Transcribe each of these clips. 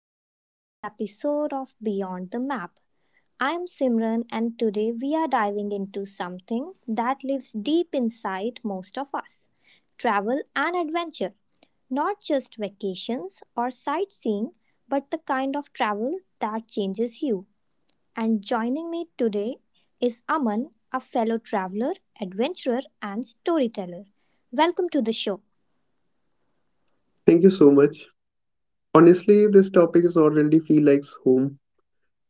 back to another episode of Beyond the Map. I'm Simran, and today we are diving into something that lives deep inside most of us travel and adventure. Not just vacations or sightseeing, but the kind of travel that changes you. And joining me today is Aman, a fellow traveler, adventurer, and storyteller. Welcome to the show. Thank you so much. Honestly, this topic is already feel like home.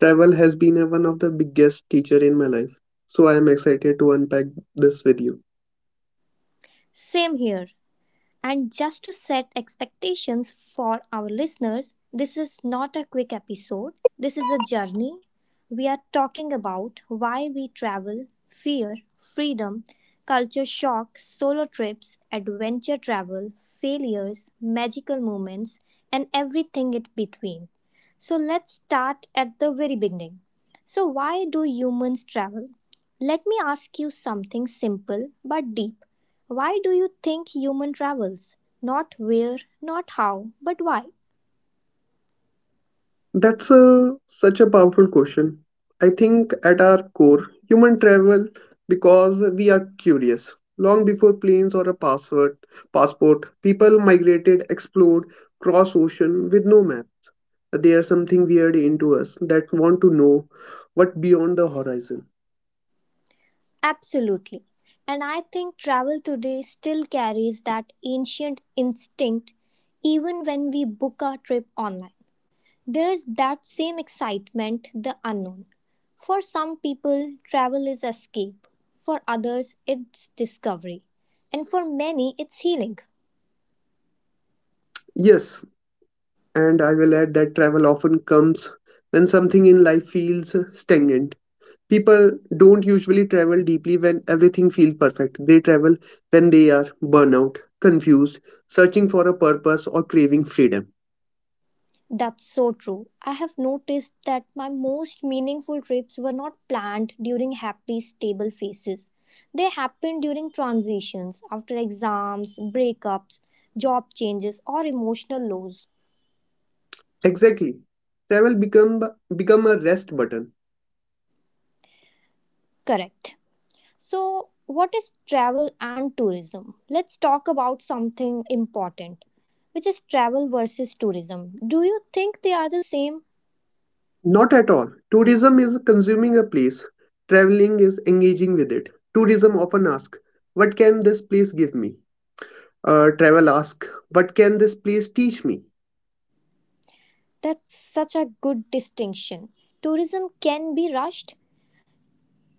Travel has been one of the biggest teacher in my life, so I am excited to unpack this with you. Same here. And just to set expectations for our listeners, this is not a quick episode, this is a journey. We are talking about why we travel, fear, freedom, culture shock, solo trips, adventure travel, failures, magical moments, and everything in between. So let's start at the very beginning. So, why do humans travel? Let me ask you something simple but deep. Why do you think human travels? Not where, not how, but why? That's such a powerful question. I think at our core, human travel because we are curious. Long before planes or a passport, people migrated, explored, cross ocean with no map. There's something weird into us that want to know what beyond the horizon. Absolutely. And I think travel today still carries that ancient instinct even when we book our trip online. There is that same excitement, the unknown. For some people, travel is escape. For others, it's discovery. And for many, it's healing. Yes, and I will add that travel often comes when something in life feels stagnant. People don't usually travel deeply when everything feels perfect. They travel when they are burnout, confused, searching for a purpose, or craving freedom. That's so true. I have noticed that my most meaningful trips were not planned during happy, stable phases. They happened during transitions, after exams, breakups, job changes, or emotional lows. Exactly. Travel become a rest button. Correct. So, what is travel and tourism? Let's talk about something important, which is travel versus tourism. Do you think they are the same? Not at all. Tourism is consuming a place. Traveling is engaging with it. Tourism often asks, "What can this place give me?" Travel asks, "What can this place teach me?" That's such a good distinction. Tourism can be rushed.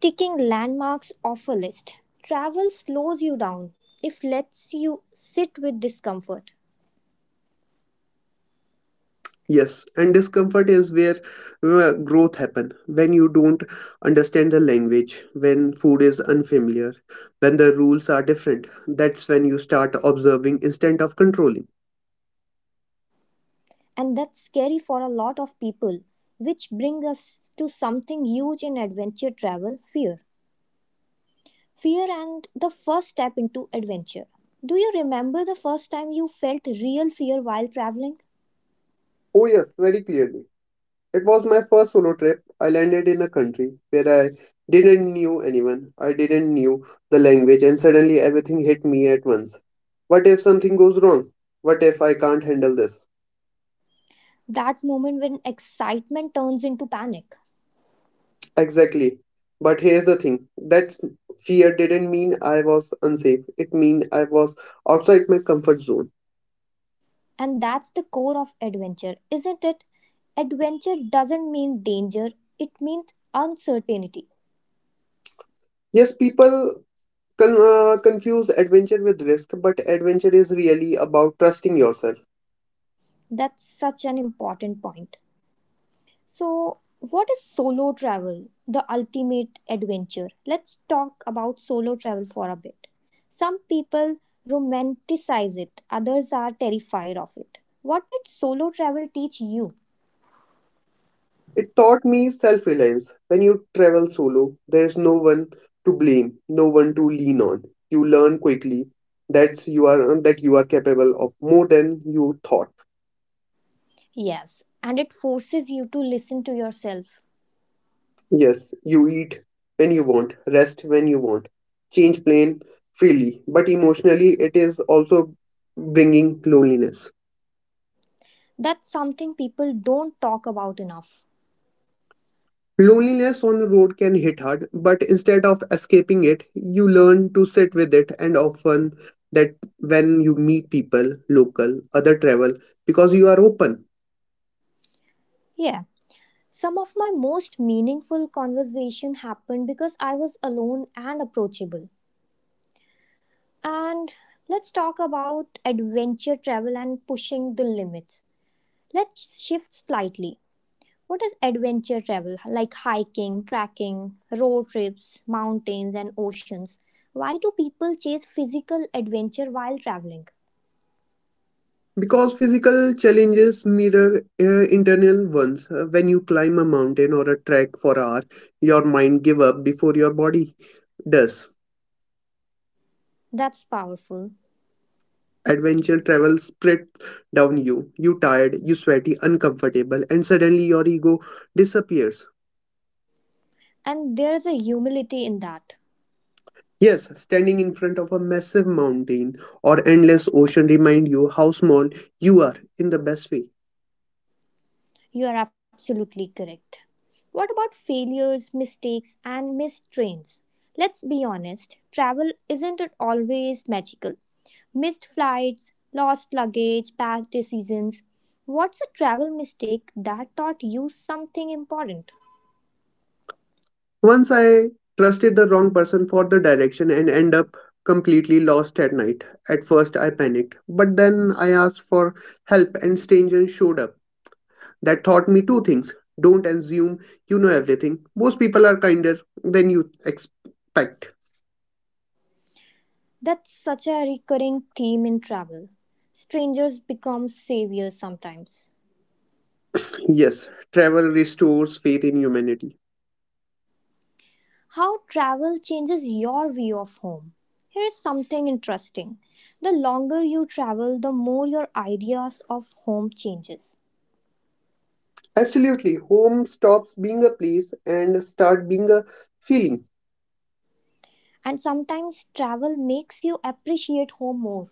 Ticking landmarks off a list. Travel slows you down. It lets you sit with discomfort. Yes, and discomfort is where growth happen. When you don't understand the language, when food is unfamiliar, when the rules are different, that's when you start observing instead of controlling. And that's scary for a lot of people, which brings us to something huge in adventure travel fear. Fear and the first step into adventure. Do you remember the first time you felt real fear while traveling? Oh yes, very clearly. It was my first solo trip. I landed in a country where I didn't knew anyone. I didn't knew the language and suddenly everything hit me at once. What if something goes wrong? What if I can't handle this? That moment when excitement turns into panic. Exactly. But here's the thing that fear didn't mean I was unsafe. It mean I was outside my comfort zone. And that's the core of adventure, isn't it? Adventure doesn't mean danger, it means uncertainty. Yes, people confuse adventure with risk, but adventure is really about trusting yourself. That's such an important point. So, what is solo travel, the ultimate adventure? Let's talk about solo travel for a bit. Some people romanticize it, others are terrified of it. What did solo travel teach you? It taught me self reliance. When you travel solo, there's no one to blame, no one to lean on. You learn quickly that you are capable of more than you thought. Yes, and it forces you to listen to yourself. Yes, you eat when you want, rest when you want, change plan freely, but emotionally it is also bringing loneliness. That's something people don't talk about enough. Loneliness on the road can hit hard, but instead of escaping it, you learn to sit with it, and often that when you meet people, local, other travel, because you are open. Yeah. Some of my most meaningful conversation happened because I was alone and approachable. And let's talk about adventure travel and pushing the limits. Let's shift slightly. What is adventure travel? Like hiking, trekking, road trips, mountains, and oceans. Why do people chase physical adventure while traveling? Because physical challenges mirror internal ones. When you climb a mountain or a trek for hour, your mind give up before your body does. That's powerful. Adventure travel spreads down you. You tired, you sweaty, uncomfortable, and suddenly your ego disappears. And there's a humility in that. Yes, standing in front of a massive mountain or endless ocean remind you how small you are in the best way. You are absolutely correct. What about failures, mistakes, and missed trains? Let's be honest, travel isn't it always magical? Missed flights, lost luggage, bad decisions. What's a travel mistake that taught you something important? Once I trusted the wrong person for the direction and end up completely lost at night. At first I panicked, but then I asked for help and stranger showed up. That taught me two things. Don't assume you know everything. Most people are kinder than you expect. That's such a recurring theme in travel. Strangers become saviors sometimes. Yes, travel restores faith in humanity. How travel changes your view of home. Here is something interesting. The longer you travel, the more your ideas of home changes. Absolutely. Home stops being a place and start being a feeling, And sometimes travel makes you appreciate home more.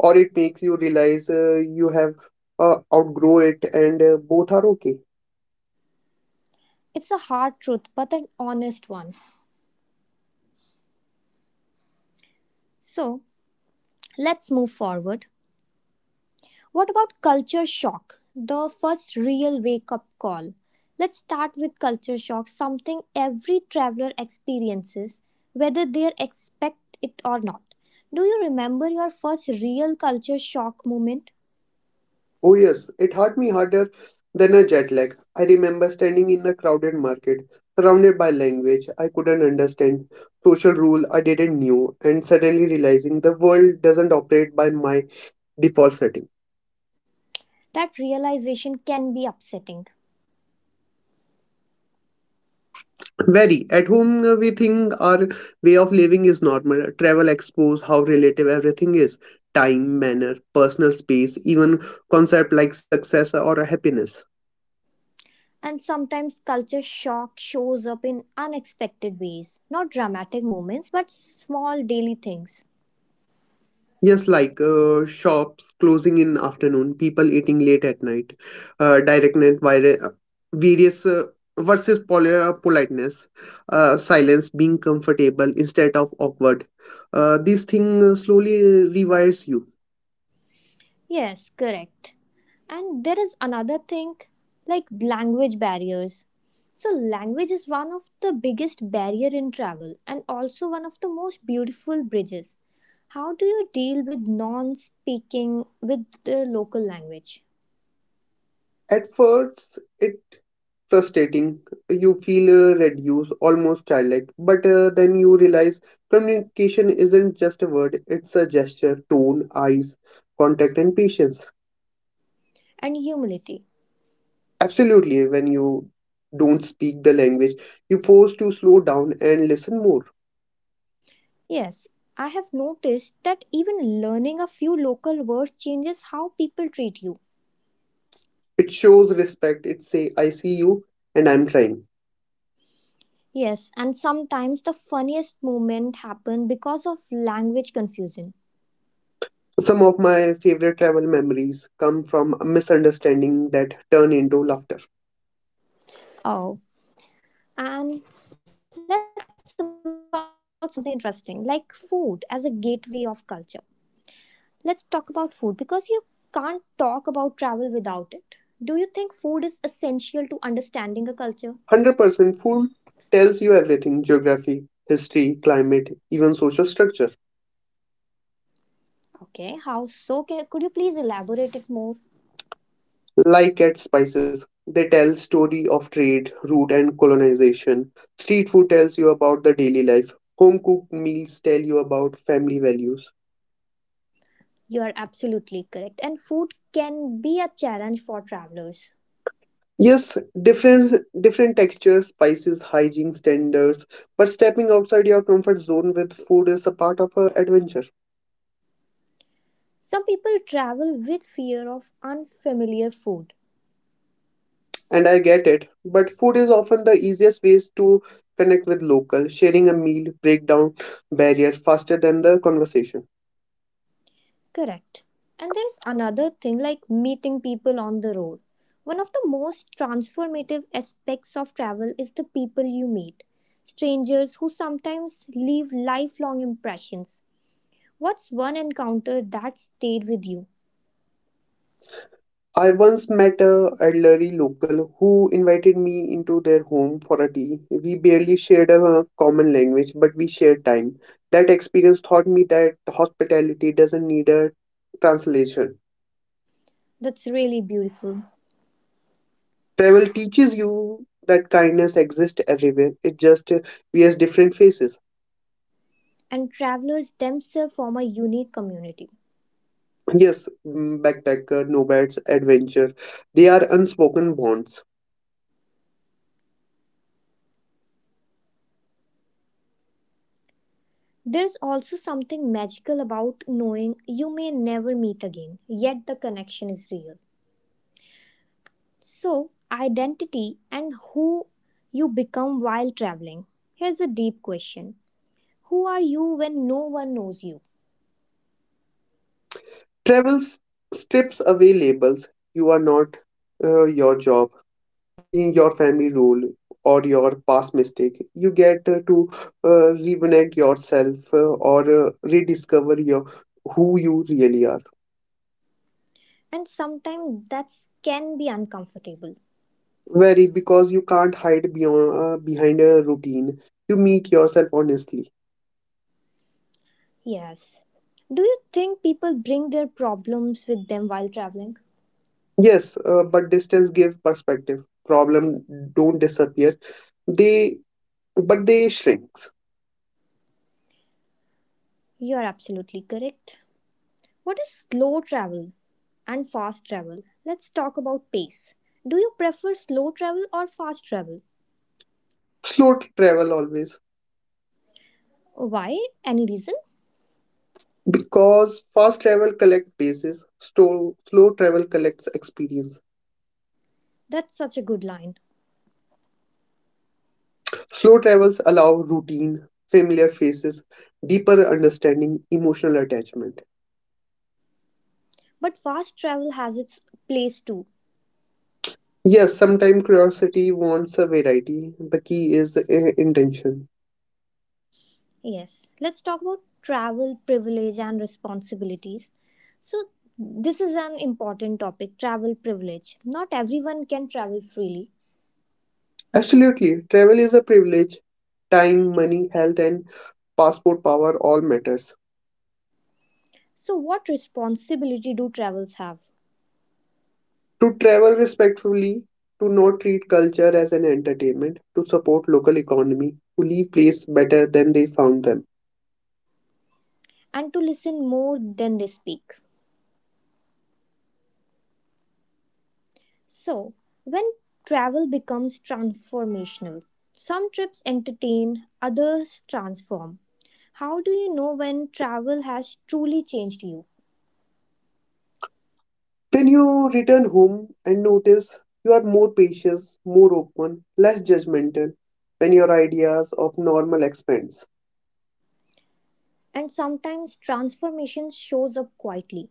or it makes you realize you have outgrow it, and both are okay. It's a hard truth, but an honest one. So, let's move forward. What about culture shock? The first real wake up call. Let's start with culture shock, something every traveler experiences, whether they expect it or not. Do you remember your first real culture shock moment? Oh, yes, it hurt me harder than a jet lag. I remember standing in a crowded market, surrounded by language I couldn't understand, social rule I didn't knew, and suddenly realizing the world doesn't operate by my default setting. That realization can be upsetting. Very at home, we think our way of living is normal. Travel expose how relative everything is: time, manner, personal space, even concept like success or happiness. And sometimes culture shock shows up in unexpected ways. Not dramatic moments, but small daily things. Yes, like shops closing in afternoon, people eating late at night, direct net various versus politeness, silence being comfortable instead of awkward. This thing slowly rewires you. Yes, correct. And there is another thing like language barriers. So language is one of the biggest barrier in travel and also one of the most beautiful bridges. How do you deal with non-speaking with the local language? At first, it frustrating. You feel reduced, almost childlike. But then you realize communication isn't just a word; it's a gesture, tone, eyes, contact, and patience. And humility. Absolutely, when you don't speak the language, you force to slow down and listen more. Yes, I have noticed that even learning a few local words changes how people treat you. It shows respect. It say, "I see you, and I'm trying." Yes, and sometimes the funniest moment happen because of language confusion. Some of my favorite travel memories come from a misunderstanding that turn into laughter. Oh. And let's about something interesting like food as a gateway of culture. Let's talk about food because you can't talk about travel without it. Do you think food is essential to understanding a culture? 100% food tells you everything: geography, history, climate, even social structure. Okay, how so? Could you please elaborate it more? Like at spices, they tell story of trade, route and colonization. Street food tells you about the daily life. Home cooked meals tell you about family values. You are absolutely correct. And food can be a challenge for travelers. Yes, different textures, spices, hygiene standards, but stepping outside your comfort zone with food is a part of a adventure. Some people travel with fear of unfamiliar food. And I get it, but food is often the easiest ways to connect with local. Sharing a meal break down barrier faster than the conversation. Correct. And there's another thing like meeting people on the road. One of the most transformative aspects of travel is the people you meet, strangers who sometimes leave lifelong impressions. What's one encounter that stayed with you? I once met a elderly local who invited me into their home for a tea. We barely shared a common language, but we shared time. That experience taught me that hospitality doesn't need a translation. That's really beautiful. Travel teaches you that kindness exists everywhere. It just wears different faces. And travelers themselves form a unique community. Yes, backpacker, nomads, adventure, they are unspoken bonds. There's also something magical about knowing you may never meet again, yet the connection is real. So, identity and who you become while traveling. Here's a deep question. Who are you when no one knows you? Travel strips away labels. You are not your job, seeing your family role or your past mistake. You get to rejuvenate yourself, or rediscover your who you really are. And sometimes that can be uncomfortable. Very, because you can't hide beyond behind a routine. You meet yourself honestly. Yes. Do you think people bring their problems with them while traveling? Yes, but distance give perspective. Problem don't disappear, they but they shrinks. You are absolutely correct. What is slow travel and fast travel? Let's talk about pace. Do you prefer slow travel or fast travel? Slow travel always, Why? Any reason? because fast travel collect bases. Slow travel collects experience. That's such a good line. Slow travels allow routine, familiar faces, deeper understanding, emotional attachment. But fast travel has its place too. Yes, sometimes curiosity wants a variety. The key is intention. Yes. Let's talk about travel privilege and responsibilities. So, this is an important topic travel privilege. Not everyone can travel freely. Absolutely, travel is a privilege. Time, money, health, and passport power all matters. So, what responsibility do travels have? To travel respectfully, to not treat culture as an entertainment, to support local economy, to leave place better than they found them. And to listen more than they speak. So, when travel becomes transformational, some trips entertain, others transform. How do you know when travel has truly changed you? When you return home and notice you are more patient, more open, less judgmental, when your ideas of normal expands. And sometimes transformation shows up quietly.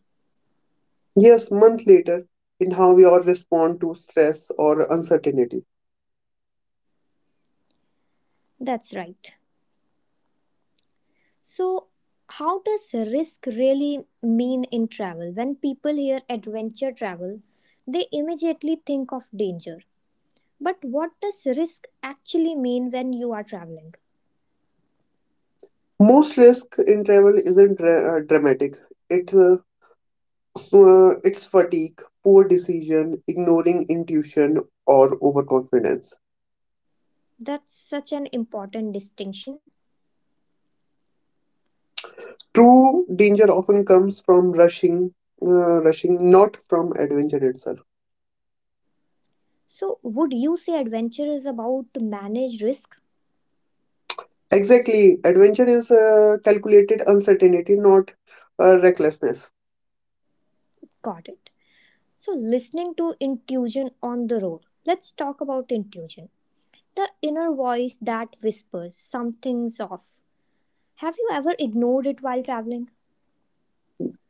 Yes, month later, in how we all respond to stress or uncertainty. That's right. So, how does risk really mean in travel? When people hear adventure travel, they immediately think of danger. But what does risk actually mean when you are traveling? Most risk in travel isn't dramatic. It's uh, it's fatigue, poor decision, ignoring intuition, or overconfidence. That's such an important distinction. True danger often comes from rushing, not from adventure itself. So, would you say adventure is about to manage risk? Exactly. Adventure is calculated uncertainty, not recklessness. Got it. So, listening to intuition on the road. Let's talk about intuition. The inner voice that whispers, something's off. Have you ever ignored it while traveling?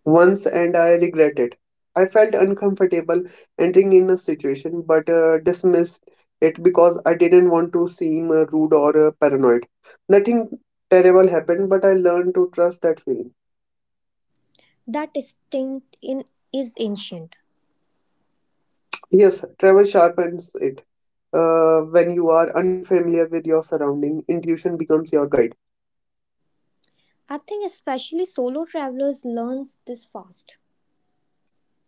Once, and I regret it. I felt uncomfortable entering in a situation, but dismissed it because I didn't want to seem rude or paranoid. Nothing terrible happened, but I learned to trust that feeling. That instinct in, is ancient. Yes, travel sharpens it. When you are unfamiliar with your surrounding, intuition becomes your guide. I think especially solo travelers learns this fast.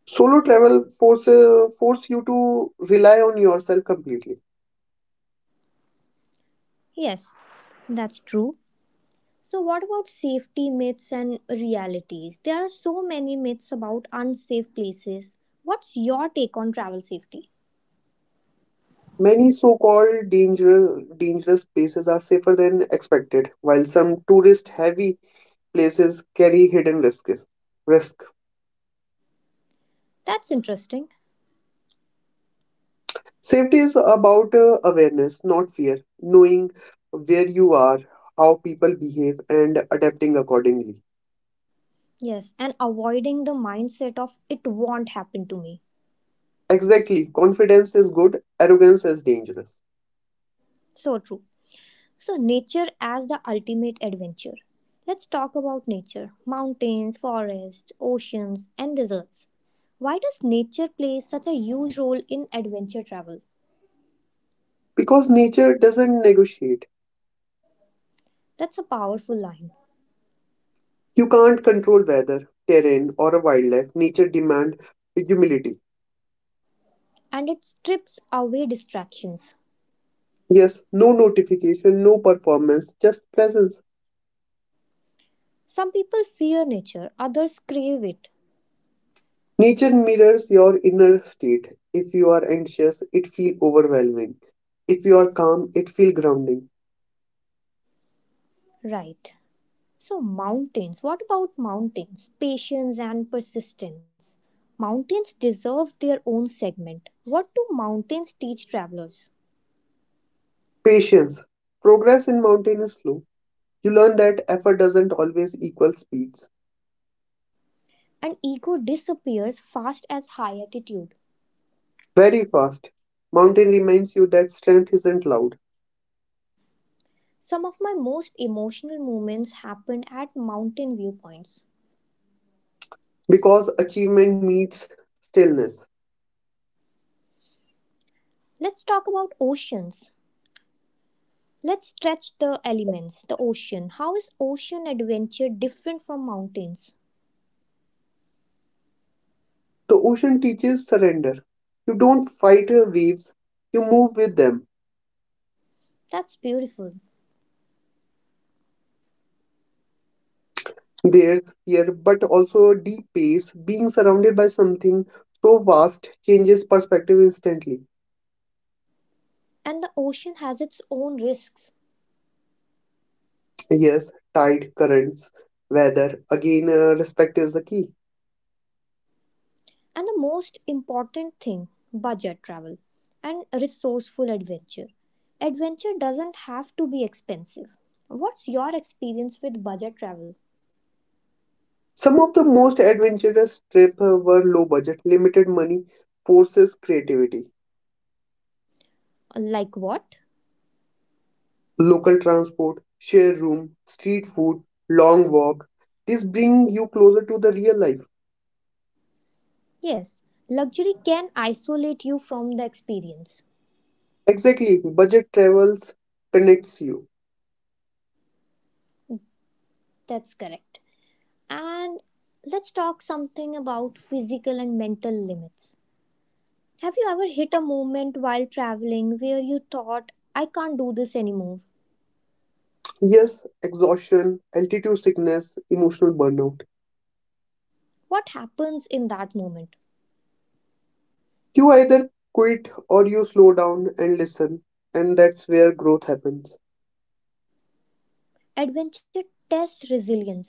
Solo travel forces force force you to rely on yourself completely. Yes, that's true. So what about safety myths and realities? There are so many myths about unsafe places. What's your take on travel safety? Many so-called dangerous places are safer than expected, while some tourist-heavy places carry hidden risks. Risk. That's interesting. Safety is about awareness, not fear. Knowing where you are, how people behave, and adapting accordingly. Yes, and avoiding the mindset of it won't happen to me. Exactly. Confidence is good. Arrogance is dangerous. So true. So, nature as the ultimate adventure. Let's talk about nature mountains, forests, oceans, and deserts. Why does nature play such a huge role in adventure travel? Because nature doesn't negotiate. That's a powerful line, You can't control weather, terrain, or wildlife. Nature demands humility. and it strips away distractions. Yes, no notification, no performance, just presence. Some people fear nature, others crave it. Nature mirrors your inner state. If you are anxious, it feels overwhelming. If you are calm, it feels grounding. Right. So, mountains. What about mountains? Patience and persistence. Mountains deserve their own segment. What do mountains teach travelers? Patience. Progress in mountain is slow. You learn that effort doesn't always equal speeds. And ego disappears fast as high altitude. Very fast. Mountain reminds you that strength isn't loud, Some of my most emotional moments happened at mountain viewpoints. because achievement meets stillness. Let's talk about oceans. Let's stretch the elements, the ocean. How is ocean adventure different from mountains? The ocean teaches surrender. You don't fight your waves, you move with them. That's beautiful. There's fear, but also deep pace. Being surrounded by something so vast changes perspective instantly. And the ocean has its own risks. Yes, tide, currents, weather. Again, respect is the key. And the most important thing budget travel and resourceful adventure. Adventure doesn't have to be expensive. What's your experience with budget travel? Some of the most adventurous trips were low budget, limited money, forces creativity. Like what? Local transport, share room, street food, long walk. These bring you closer to the real life. Yes, luxury can isolate you from the experience. Exactly, budget travels connects you. That's correct. And let's talk something about physical and mental limits. Have you ever hit a moment while traveling where you thought, I can't do this anymore? Yes, exhaustion, altitude sickness, emotional burnout. What happens in that moment? You either quit, or you slow down and listen, and that's where growth happens Adventure tests resilience.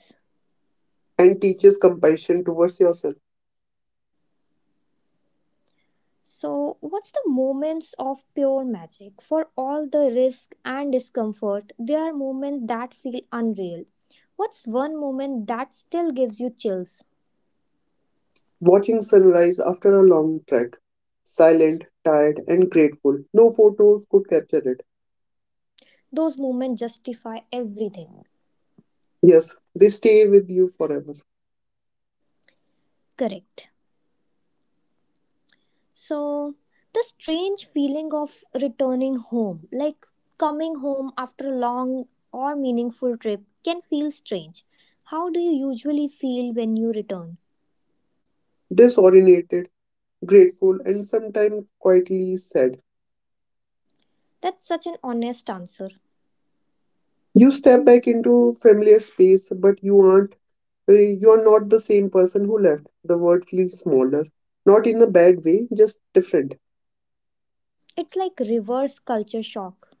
and teaches compassion towards yourself. So, what's the moments of pure magic? For all the risk and discomfort, there are moments that feel unreal. What's one moment that still gives you chills? Watching sunrise after a long trek, silent, tired, and grateful. No photos could capture it. Those moments justify everything. Yes, they stay with you forever. Correct. So, the strange feeling of returning home, like coming home after a long or meaningful trip, can feel strange. How do you usually feel when you return? Disoriented, grateful, and sometimes quietly sad. That's such an honest answer. You step back into familiar space, but you aren't, you're not the same person who left. The world feels smaller, not in a bad way, just different. It's like reverse culture shock.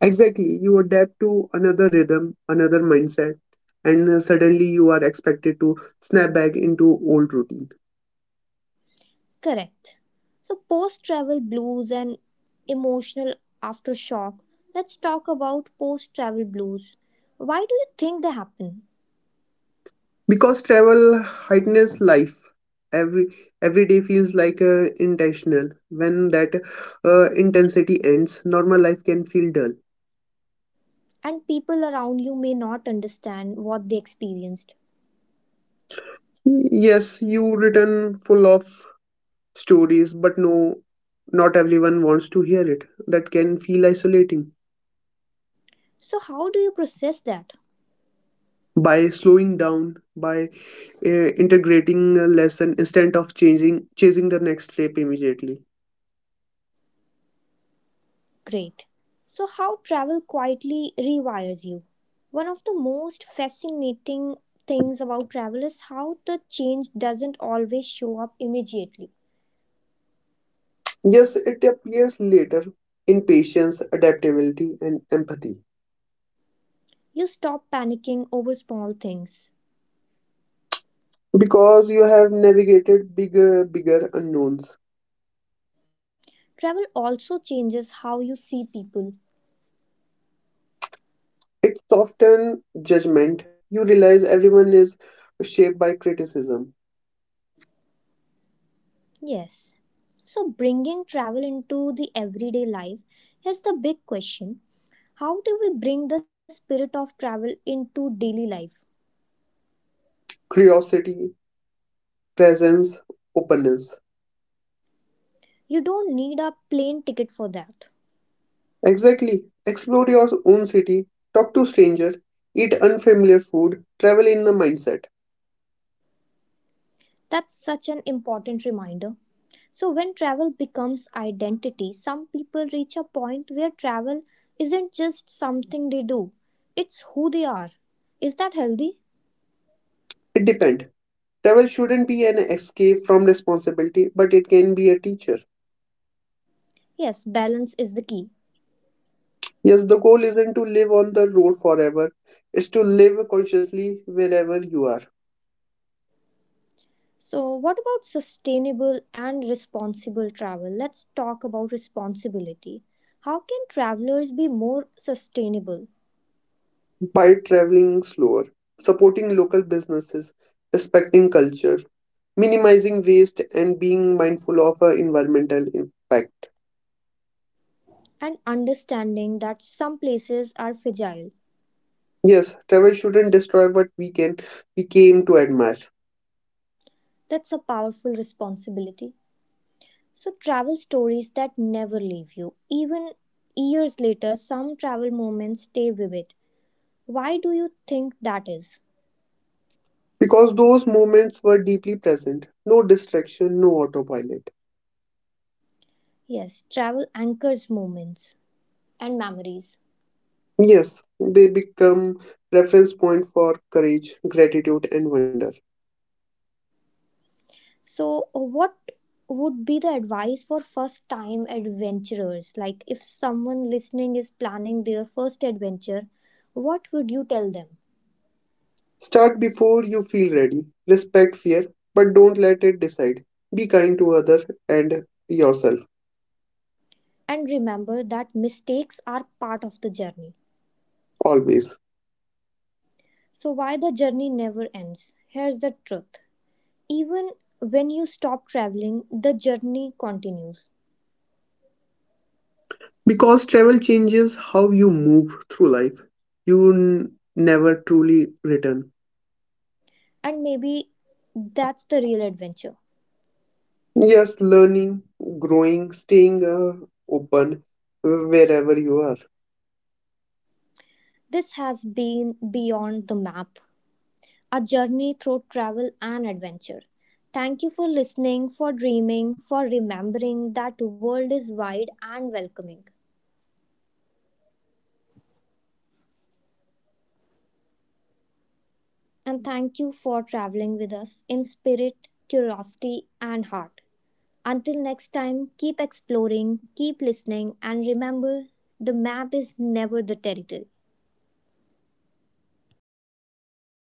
Exactly, you adapt to another rhythm, another mindset, and suddenly you are expected to snap back into old routine. Correct. So, post travel blues and emotional aftershock. Let's talk about post travel blues. Why do you think they happen? Because travel heightens life, every every day feels like intentional. When that intensity ends, normal life can feel dull. And people around you may not understand what they experienced. Yes, you return full of stories, but no, not everyone wants to hear it. That can feel isolating. So, how do you process that? By slowing down, by integrating a lesson instead of changing chasing the next step immediately. Great. So, how travel quietly rewires you? One of the most fascinating things about travel is how the change doesn't always show up immediately. Yes, it appears later in patience, adaptability, and empathy, You stop panicking over small things. because you have navigated bigger unknowns. Travel also changes how you see people. It softens judgment. You realize everyone is shaped by criticism, Yes. So, bringing travel into the everyday life is the big question. How do we bring the spirit of travel into daily life? curiosity, presence, openness. You don't need a plane ticket for that. Exactly. Explore your own city, talk to strangers, eat unfamiliar food, travel in the mindset. That's such an important reminder. So, when travel becomes identity, some people reach a point where travel isn't just something they do, it's who they are. Is that healthy? It depends. Travel shouldn't be an escape from responsibility, but it can be a teacher. Yes, balance is the key. Yes, the goal isn't to live on the road forever, it's to live consciously wherever you are, So, what about sustainable and responsible travel? Let's talk about responsibility. How can travelers be more sustainable? by traveling slower, supporting local businesses, respecting culture, minimizing waste, and being mindful of environmental impact. And understanding that some places are fragile. Yes, travel shouldn't destroy what we came to admire. That's a powerful responsibility. So, travel stories that never leave you. Even years later, some travel moments stay vivid. Why do you think that is? Because those moments were deeply present. No distraction, no autopilot. Yes, travel anchors moments and memories. Yes, they become reference point for courage, gratitude and wonder. So, what would be the advice for first time adventurers? Like, if someone listening is planning their first adventure, what would you tell them? Start before you feel ready. Respect fear, but don't let it decide. Be kind to other and yourself And remember that mistakes are part of the journey. always. So, why the journey never ends? Here's the truth. Even when you stop traveling, the journey continues. Because travel changes how you move through life. You never truly return. And maybe that's the real adventure. Yes, learning, growing, staying open, wherever you are. This has been Beyond the Map, a journey through travel and adventure. Thank you for listening, for dreaming, for remembering that world is wide and welcoming. And thank you for traveling with us in spirit, curiosity and heart. Until next time, keep exploring, keep listening and remember the map is never the territory.